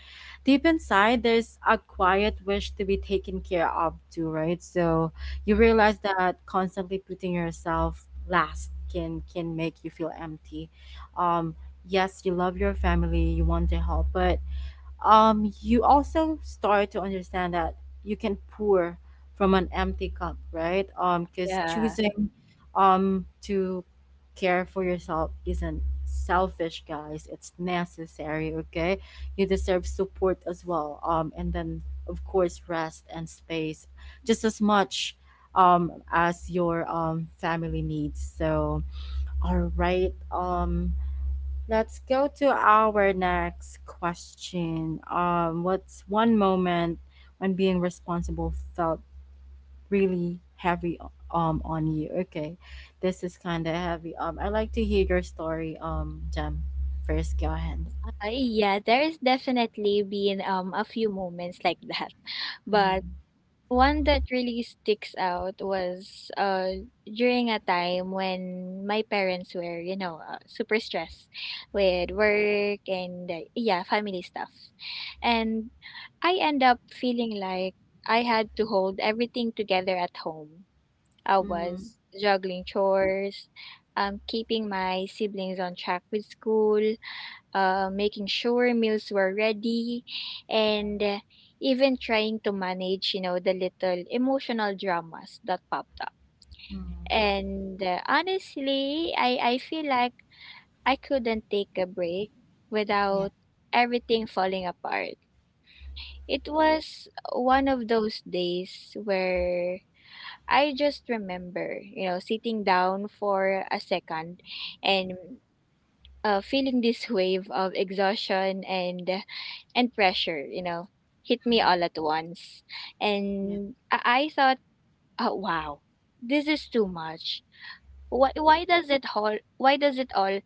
[SPEAKER 1] deep inside there's a quiet wish to be taken care of too, right? So you
[SPEAKER 2] Mm.
[SPEAKER 1] realize that constantly putting yourself last can make you feel empty. um yes, you love your family, you want to help, but you also start to understand that you can pour from an empty cup, right? Because choosing to care for yourself isn't selfish, guys. It's necessary. Okay, you deserve support as well. And then of course rest and space, just as much as your family needs. So all right, let's go to our next question. What's one moment when being responsible felt really heavy on you? Okay, this is kind of heavy. I'd like to hear your story. Jem, first go ahead.
[SPEAKER 2] Yeah, there's definitely been a few moments like that. But
[SPEAKER 1] Mm-hmm.
[SPEAKER 2] one that really sticks out was during a time when my parents were, you know, super stressed with work and, yeah, family stuff. And I end up feeling like I had to hold everything together at home. I
[SPEAKER 1] Mm-hmm.
[SPEAKER 2] was juggling chores, keeping my siblings on track with school, making sure meals were ready, and even trying to manage, you know, the little emotional dramas that popped up.
[SPEAKER 1] Mm-hmm.
[SPEAKER 2] And honestly, I feel like I couldn't take a break
[SPEAKER 1] Yeah.
[SPEAKER 2] without everything falling apart. It was one of those days where I just remember, you know, sitting down for a second and, feeling this wave of exhaustion and pressure, you know, hit me
[SPEAKER 1] Mm-hmm.
[SPEAKER 2] all at once.
[SPEAKER 1] Yeah.
[SPEAKER 2] I thought, oh, wow, this is too much. Why does it all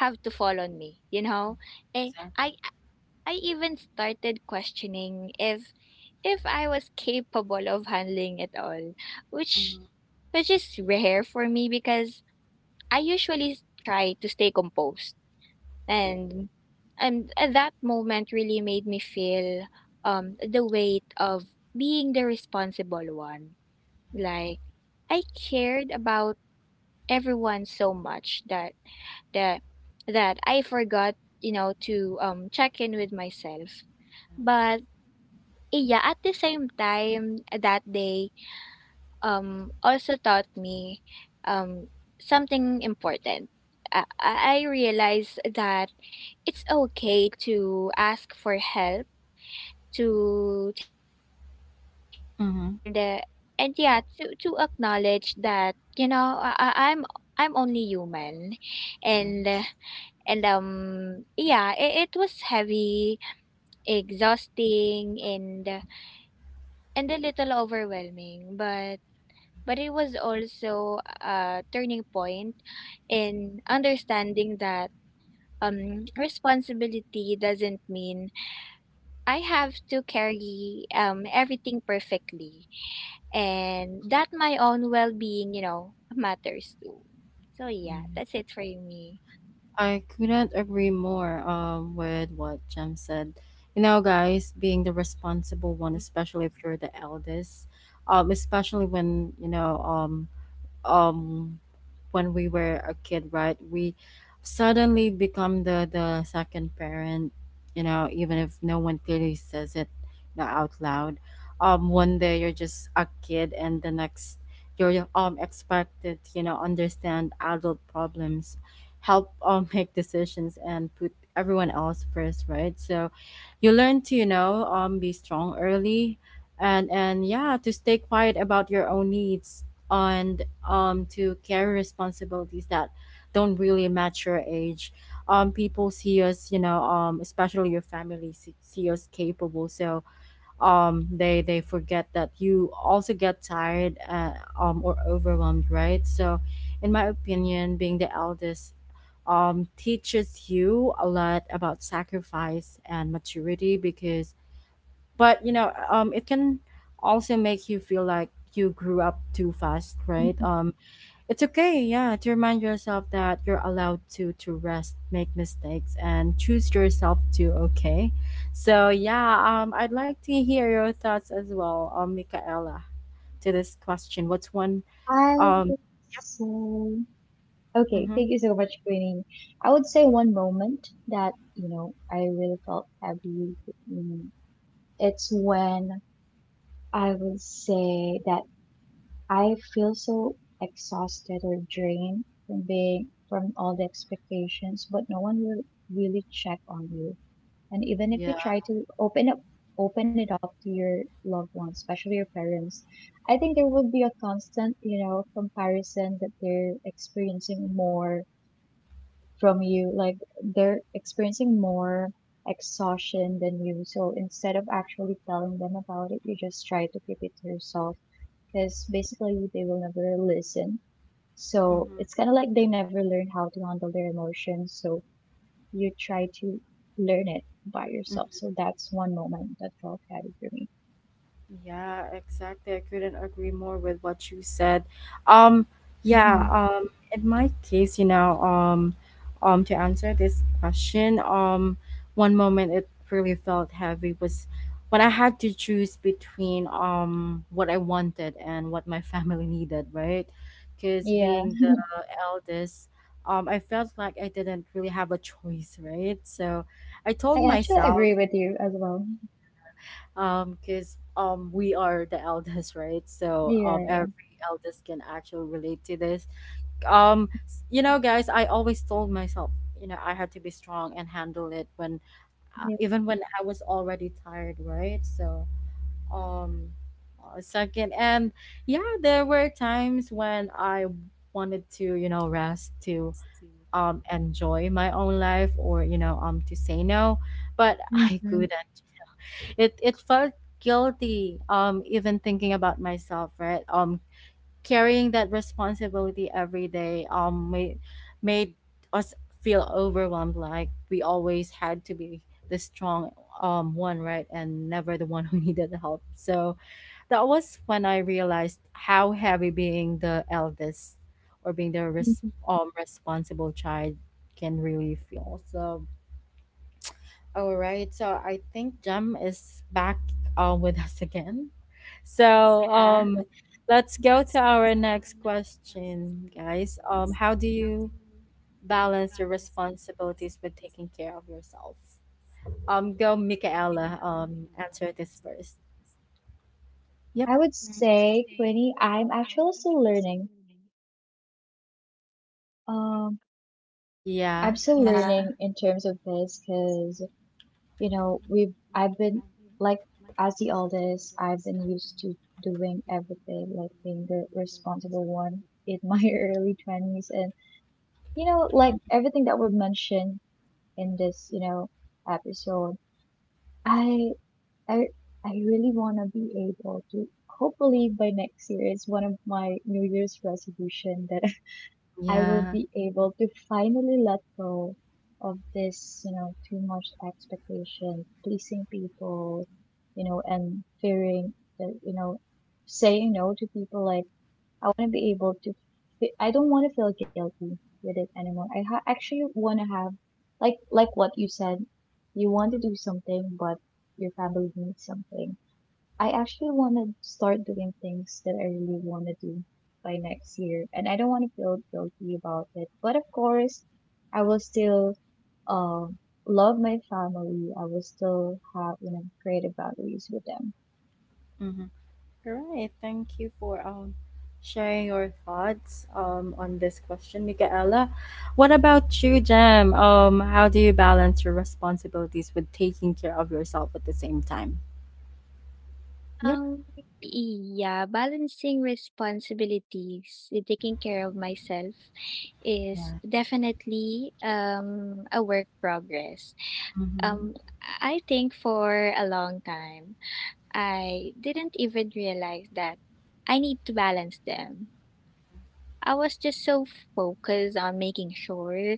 [SPEAKER 2] have to fall on me? Eh, i
[SPEAKER 1] Exactly.
[SPEAKER 2] I even started questioning if I was capable of handling it all, which
[SPEAKER 1] Mm-hmm.
[SPEAKER 2] which is rare for me because I usually try to stay composed. and at that moment, really made me feel the weight of being the responsible one, like I cared about everyone so much that that I forgot, you know, to check in with myself.
[SPEAKER 1] Yes.
[SPEAKER 2] But yeah, at the same time, that day also taught me um, something important. I realized that it's okay to ask for help, to take a break, and yeah, to acknowledge that, you know, I'm only human, and
[SPEAKER 1] Mm-hmm.
[SPEAKER 2] yeah, it was heavy, exhausting, and a little overwhelming, but it was also a turning point in understanding that responsibility doesn't mean I have to carry everything perfectly, and that my own well being, you know, matters too. So, yeah,
[SPEAKER 1] Yes.
[SPEAKER 2] that's it for me.
[SPEAKER 1] I couldn't agree more with what Jem said. You know, guys, being the responsible one, especially if you're the eldest, especially when you know um when we were a kid, right? We suddenly become the second parent, you know, even if no one clearly says it, you know, out loud. One day you're just a kid, and the next you're expected to, you know, understand adult problems, help make decisions, and put everyone else first, right? So, you learn to, you know, be strong early, and yeah, to stay quiet about your own needs. And, to carry responsibilities that don't really match your age. People see us, you know, especially your family see us capable. So, they forget that you also get tired, or overwhelmed, right? So, in my opinion, being the eldest teaches you a lot about sacrifice and maturity, because but you know, it can also make you feel like you grew up too fast, right?
[SPEAKER 3] Okay.
[SPEAKER 1] It's okay, yeah, to remind yourself that you're allowed to rest, make mistakes, and choose yourself too. Okay, so yeah, I'd like to hear your thoughts as well, Michaela, to this question. What's one,
[SPEAKER 3] I
[SPEAKER 1] um,
[SPEAKER 3] would say, okay, thank you
[SPEAKER 1] mhm,
[SPEAKER 3] so much, Queenie. I would say one moment that, I really felt heavy. mm, It's when I would say that I feel so exhausted or drained from from all the expectations, but no one will really check on you. And even if
[SPEAKER 1] yeah,
[SPEAKER 3] you try to open it up to your loved ones, especially your parents, I think there will be a constant, comparison that they're experiencing more from you. Like they're experiencing more exhaustion than you. So instead of actually telling them about it, you just try to keep it to yourself because basically they will never listen. So
[SPEAKER 1] mm-hmm,
[SPEAKER 3] it's kind of like they never learn how to handle their emotions. So you try to learn it by yourself. So that's one moment that felt heavy for me.
[SPEAKER 1] yeah, exactly. I couldn't agree more with what you said. Um, yeah,
[SPEAKER 3] Hmm.
[SPEAKER 1] in my case, you know, to answer this question, one moment it really felt heavy was when I had to choose between what I wanted and what my family needed, right? Because
[SPEAKER 3] Yeah,
[SPEAKER 1] being the eldest, I felt like I didn't really have a choice, right? So I told
[SPEAKER 3] I actually
[SPEAKER 1] myself,
[SPEAKER 3] agree with you as well.
[SPEAKER 1] because we are the eldest, right? So
[SPEAKER 3] Yeah, yeah,
[SPEAKER 1] every eldest can actually relate to this. You know, guys, I always told myself, you know, I had to be strong and handle it when,
[SPEAKER 3] yeah.
[SPEAKER 1] even when I was already tired, right? So um second, and yeah, there were times when I wanted to, you know, rest to enjoy my own life, or you know, to say no, but
[SPEAKER 3] Hmm.
[SPEAKER 1] I
[SPEAKER 3] Hmm.
[SPEAKER 1] couldn't. It felt guilty even thinking about myself, right? Carrying that responsibility every day made, made us feel overwhelmed, like we always had to be the strong one, right? And never the one who needed help. So that was when I realized how heavy being the eldest or being the responsible child can really feel. So all right. So I think Jem is back with us again. So um, let's go to our next question, guys. How do you balance your responsibilities with taking care of yourself? Go, Michaela. Answer this first. Yep.
[SPEAKER 3] I would say, Quinny, I'm actually still learning. Um, I'm
[SPEAKER 1] Yeah.
[SPEAKER 3] still
[SPEAKER 1] Mhm.
[SPEAKER 3] learning in terms of this because we've I've been like as the eldest, I've been used to doing everything, like being the responsible one in my early 20s. Like everything that we've mentioned in this, episode, I I I really want to be able to hopefully by next year it's one of my New Year's resolution that I will
[SPEAKER 1] Yeah.
[SPEAKER 3] be able to finally let go of this, too much expectation, pleasing people, and fearing that, saying no to people. Like, I want to be able to, I don't want to feel guilty with it anymore. I actually want to have, like what you said, you want to do something, but your family needs something. I actually want to start doing things that I really want to do by next year, and I don't want to feel guilty about it. But of course, I will still um love my family. I will still have creative boundaries with them.
[SPEAKER 1] Mm-hmm. Right. Thank you for sharing your thoughts on this question, Michaela. What about you, Jem? How do you balance your responsibilities with taking care of yourself at the same time? Yep.
[SPEAKER 2] Um, yeah, balancing responsibilities and taking care of myself is
[SPEAKER 1] Yeah.
[SPEAKER 2] definitely a work progress.
[SPEAKER 1] Mm-hmm.
[SPEAKER 2] Um, I think for a long time, I didn't even realize that I need to balance them. I was just so focused on making sure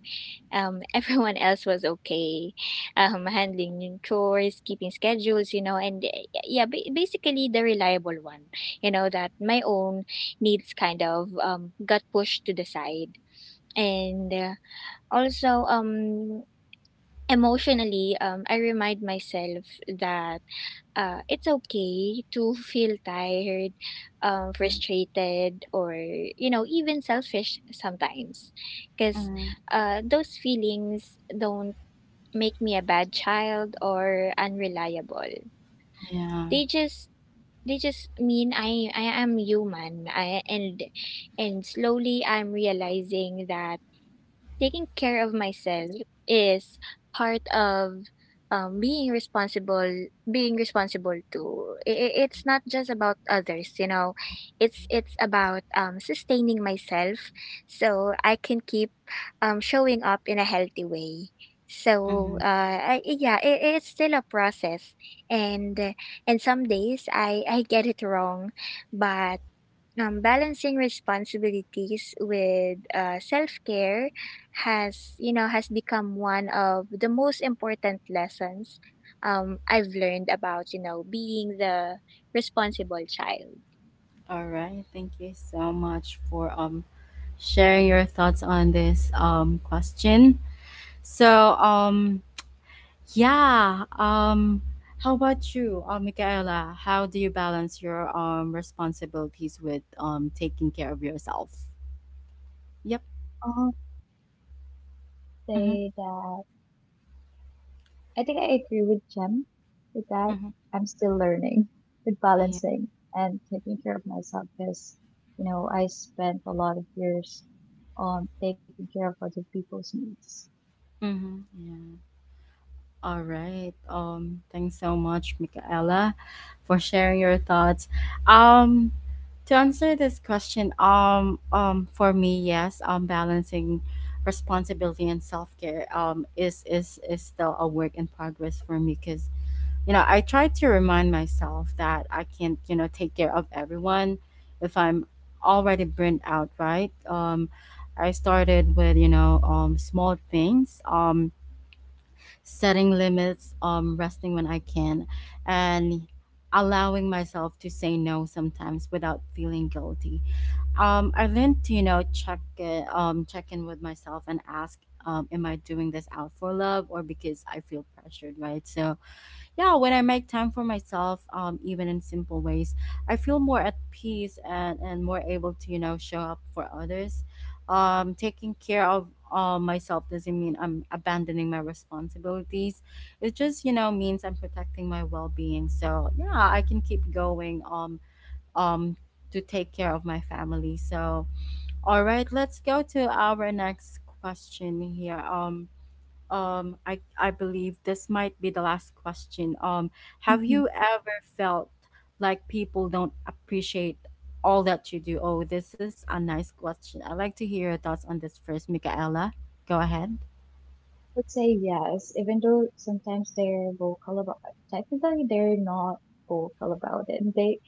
[SPEAKER 2] everyone else was okay, handling yung chores, keeping schedules, you know, and yeah, basically the reliable one, you know, that my own needs kind of got pushed to the side. And Also, emotionally, I remind myself that, it's okay to feel tired, frustrated, or, you know, even selfish sometimes, because
[SPEAKER 1] Mm,
[SPEAKER 2] those feelings don't make me a bad child or unreliable.
[SPEAKER 1] yeah.
[SPEAKER 2] They just mean I am human. I and slowly I'm realizing that taking care of myself is part of, being responsible too. It's not just about others, you know, it's about, sustaining myself so I can keep, showing up in a healthy way.
[SPEAKER 1] Mm-hmm.
[SPEAKER 2] So, yeah, it's still a process, and some days I get it wrong, but balancing responsibilities with, self-care has, you know, has become one of the most important lessons, I've learned about, you know, being the responsible child.
[SPEAKER 1] All right. Thank you so much for sharing your thoughts on this question. So um yeah um how about you, Michaela? How do you balance your responsibilities with taking care of yourself? Yep.
[SPEAKER 3] I'll say
[SPEAKER 1] Mm-hmm.
[SPEAKER 3] that I think I agree with Jem with that.
[SPEAKER 1] Mm-hmm.
[SPEAKER 3] I'm still learning with
[SPEAKER 1] Yeah.
[SPEAKER 3] balancing and taking care of myself because I spent a lot of years on taking care of other people's needs.
[SPEAKER 1] Mm-hmm. Yeah. All right. Thanks so much, Michaela, for sharing your thoughts. Um, to answer this question, for me, yes, balancing responsibility and self care, is still a work in progress for me, because you know I try to remind myself that I can't you know take care of everyone if I'm already burnt out, right? I started with you know small things, setting limits, resting when I can, and allowing myself to say no sometimes without feeling guilty. I learned to you know check in with myself and ask, am I doing this out for love or because I feel pressured, right? So yeah, when I make time for myself even in simple ways, I feel more at peace and more able to you know show up for others. Taking care of myself doesn't mean I'm abandoning my responsibilities. It just you know means I'm protecting my well-being, so yeah I can keep going um to take care of my family. So all right, let's go to our next question here. I believe this might be the last question. Have you ever felt like people don't appreciate all that you do? Oh, this is a nice question. I'd like to hear your thoughts on this first, Michaela. Go ahead.
[SPEAKER 3] Would say yes, even though sometimes they're vocal about, technically they're not vocal about it. They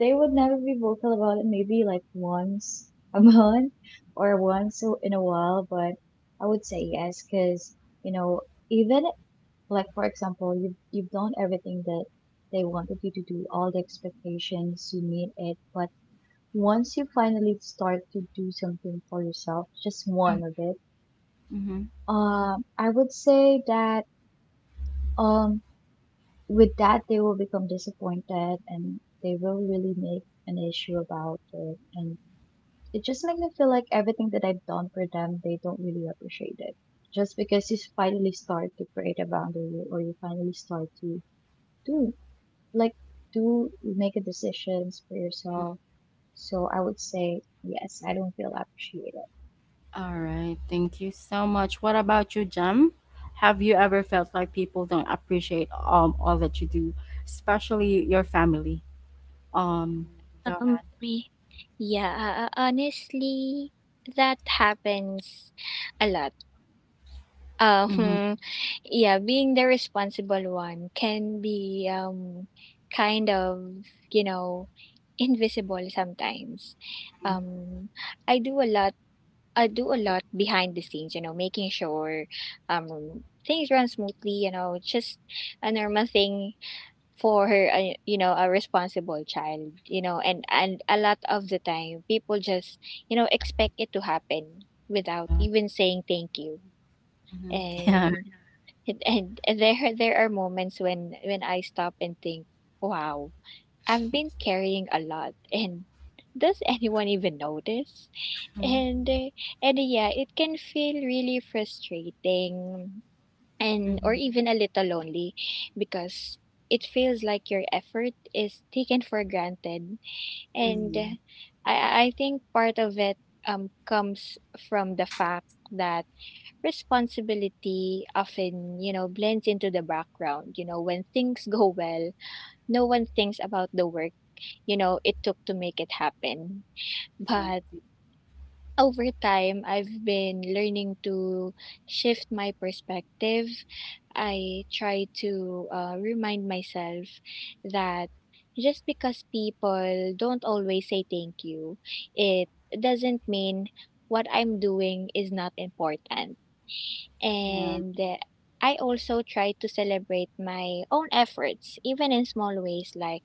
[SPEAKER 3] they would never be vocal about it, maybe like once a month or once in a while, but I would say yes because, you know, even like for example, you've done everything that they wanted you to do, all the expectations, you meet it, but once you finally start to do something for yourself, just one of it,
[SPEAKER 1] Mm-hmm.
[SPEAKER 3] I would say that um, with that, they will become disappointed and they will really make an issue about it. And it just makes me feel like everything that I've done for them, they don't really appreciate it. Just because you finally start to create a boundary or you finally start to do, like, do make a decisions for yourself. So I would say, yes, I don't feel appreciated.
[SPEAKER 1] All right. Thank you so much. What about you, Jem? Have you ever felt like people don't appreciate all that you do, especially your family? Um, Go
[SPEAKER 2] Um,
[SPEAKER 1] ahead.
[SPEAKER 2] y- yeah, honestly, that happens a lot. Um,
[SPEAKER 1] Mm-hmm.
[SPEAKER 2] yeah, being the responsible one can be, kind of, you know, invisible sometimes. Um, I do a lot I do a lot behind the scenes, you know, making sure things run smoothly, you know, just a normal thing for a, you know, a responsible child, you know, and a lot of the time people just, you know, expect it to happen without
[SPEAKER 1] Yeah.
[SPEAKER 2] even saying thank you.
[SPEAKER 1] Mm-hmm. Yeah.
[SPEAKER 2] And and there are moments when I stop and think, wow, I've been carrying a lot, and does anyone even notice? And uh, and yeah, it can feel really frustrating, and or even a little lonely because it feels like your effort is taken for granted. And
[SPEAKER 1] Mm-hmm.
[SPEAKER 2] I think part of it comes from the fact that responsibility often, you know, blends into the background. You know, when things go well, no one thinks about the work, you know, it took to make it happen. But
[SPEAKER 1] 7
[SPEAKER 2] over time, I've been learning to shift my perspective. I try to, remind myself that just because people don't always say thank you, it doesn't mean what I'm doing is not important.
[SPEAKER 1] p.m.
[SPEAKER 2] And I also try to celebrate my own efforts, even in small ways, like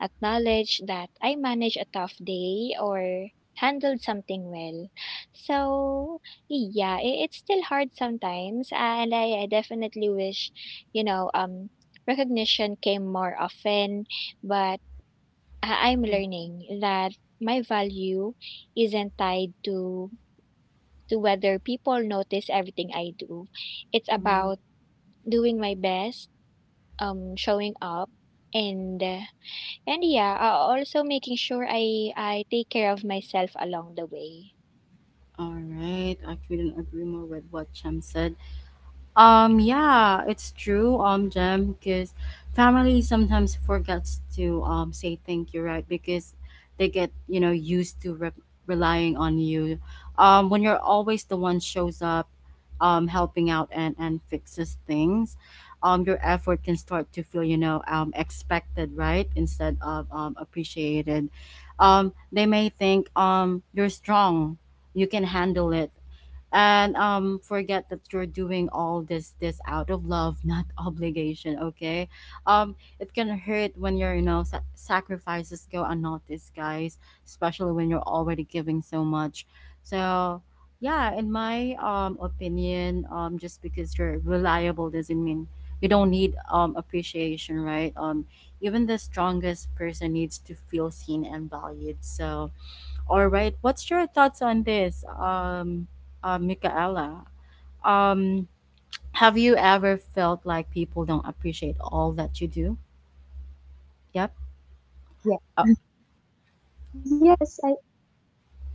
[SPEAKER 2] acknowledge that I managed a tough day or handled something well. So, yeah, it's still hard sometimes, and, I definitely wish, you know, recognition came more often, but I'm learning that my value isn't tied to whether people notice everything I do. It's
[SPEAKER 1] Mhm.
[SPEAKER 2] about doing my best, showing up, and, yeah, also making sure I take care of myself along the way.
[SPEAKER 1] All right. I couldn't agree more with what Cham said. Yeah, it's true, Jem, because family sometimes forgets to say thank you, right? Because they get, you know, used to relying on you. When you're always the one shows up, helping out and fixes things, your effort can start to feel, you know, expected, right? Instead of appreciated. They may think you're strong, you can handle it, and forget that you're doing all this out of love, not obligation. Okay. It can hurt when your you know sacrifices go unnoticed, guys, especially when you're already giving so much. So yeah, in my opinion, just because you're reliable doesn't mean you don't need appreciation, right? Even the strongest person needs to feel seen and valued. So all right. What's your thoughts on this, Michaela? Um, have you ever felt like people don't appreciate all that you do? Yep. Uh,
[SPEAKER 3] Yeah. Yes, I,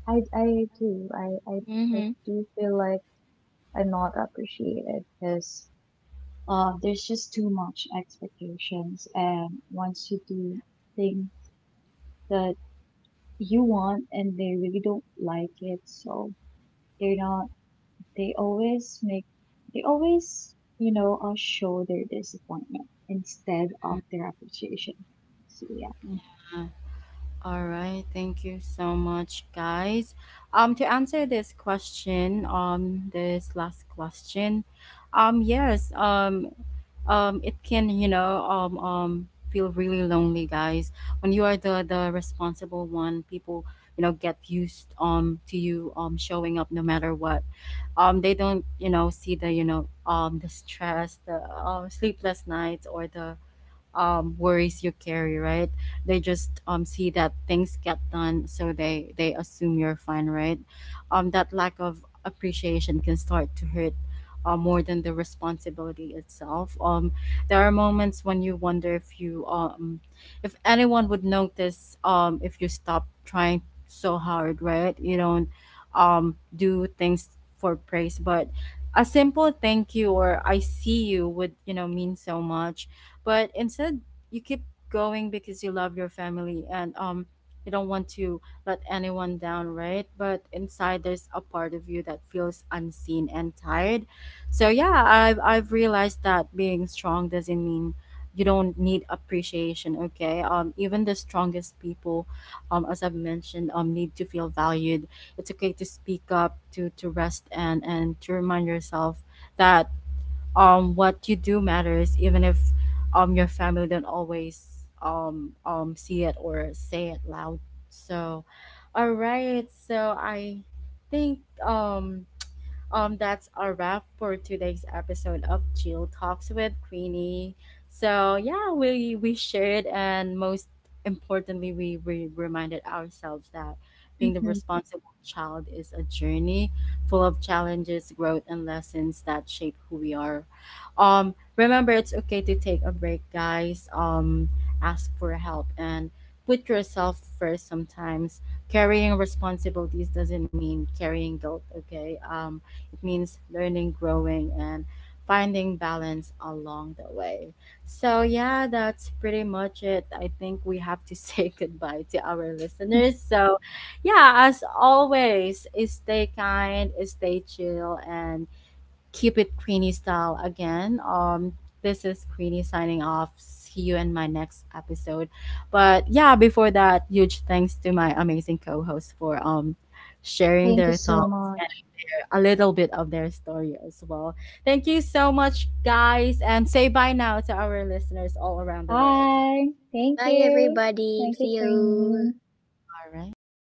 [SPEAKER 3] I, I do. I
[SPEAKER 2] Mm-hmm.
[SPEAKER 3] do feel like I'm not appreciated because there's just too much expectations and wants you to think that you want and they really don't like it, so they're not they always make they always show their disappointment instead of their appreciation. So yeah.
[SPEAKER 1] all right, thank you so much, guys. To answer this question, this last question, yes, it can, you know, feel really lonely, guys. When you are the responsible one, people, you know, get used to you showing up no matter what. They don't, you know, see the, you know, the stress, the sleepless nights, or the worries you carry, right? They just see that things get done, so they assume you're fine, right? That lack of appreciation can start to hurt. More than the responsibility itself. There are moments when you wonder if you if anyone would notice if you stop trying so hard, right? You don't do things for praise, but a simple thank you or I see you would you know mean so much. But instead you keep going because you love your family, and you don't want to let anyone down, right? But inside, there's a part of you that feels unseen and tired. So yeah, I've realized that being strong doesn't mean you don't need appreciation. Okay. Even the strongest people, as I've mentioned, need to feel valued. It's okay to speak up, to rest, and to remind yourself that what you do matters, even if your family don't always see it or say it loud. So all right, so I think um that's a wrap for today's episode of Jill Talks with Queenie. So yeah, we shared, and most importantly, we reminded ourselves that being the
[SPEAKER 3] Hmm.
[SPEAKER 1] responsible child is a journey full of challenges, growth, and lessons that shape who we are. Remember, it's okay to take a break, guys. Ask for help and put yourself first sometimes. Carrying responsibilities doesn't mean carrying guilt. Okay. It means learning, growing, and finding balance along the way. So yeah, that's pretty much it. I think we have to say goodbye to our listeners. So yeah, as always, stay kind, stay chill, and keep it Queenie style again. This is Queenie signing off. See you in my next episode. But yeah, before that, huge thanks to my amazing co-host for
[SPEAKER 3] Thank you
[SPEAKER 1] sharing their
[SPEAKER 3] so
[SPEAKER 1] thoughts,
[SPEAKER 3] much.
[SPEAKER 1] a little bit of their story as well. Thank you so much, guys, and say bye now to our listeners all around the world.
[SPEAKER 3] Bye. Thank
[SPEAKER 2] Bye,
[SPEAKER 3] you.
[SPEAKER 2] everybody.
[SPEAKER 3] Thank you,
[SPEAKER 2] See you.
[SPEAKER 3] Queenie.
[SPEAKER 1] All right.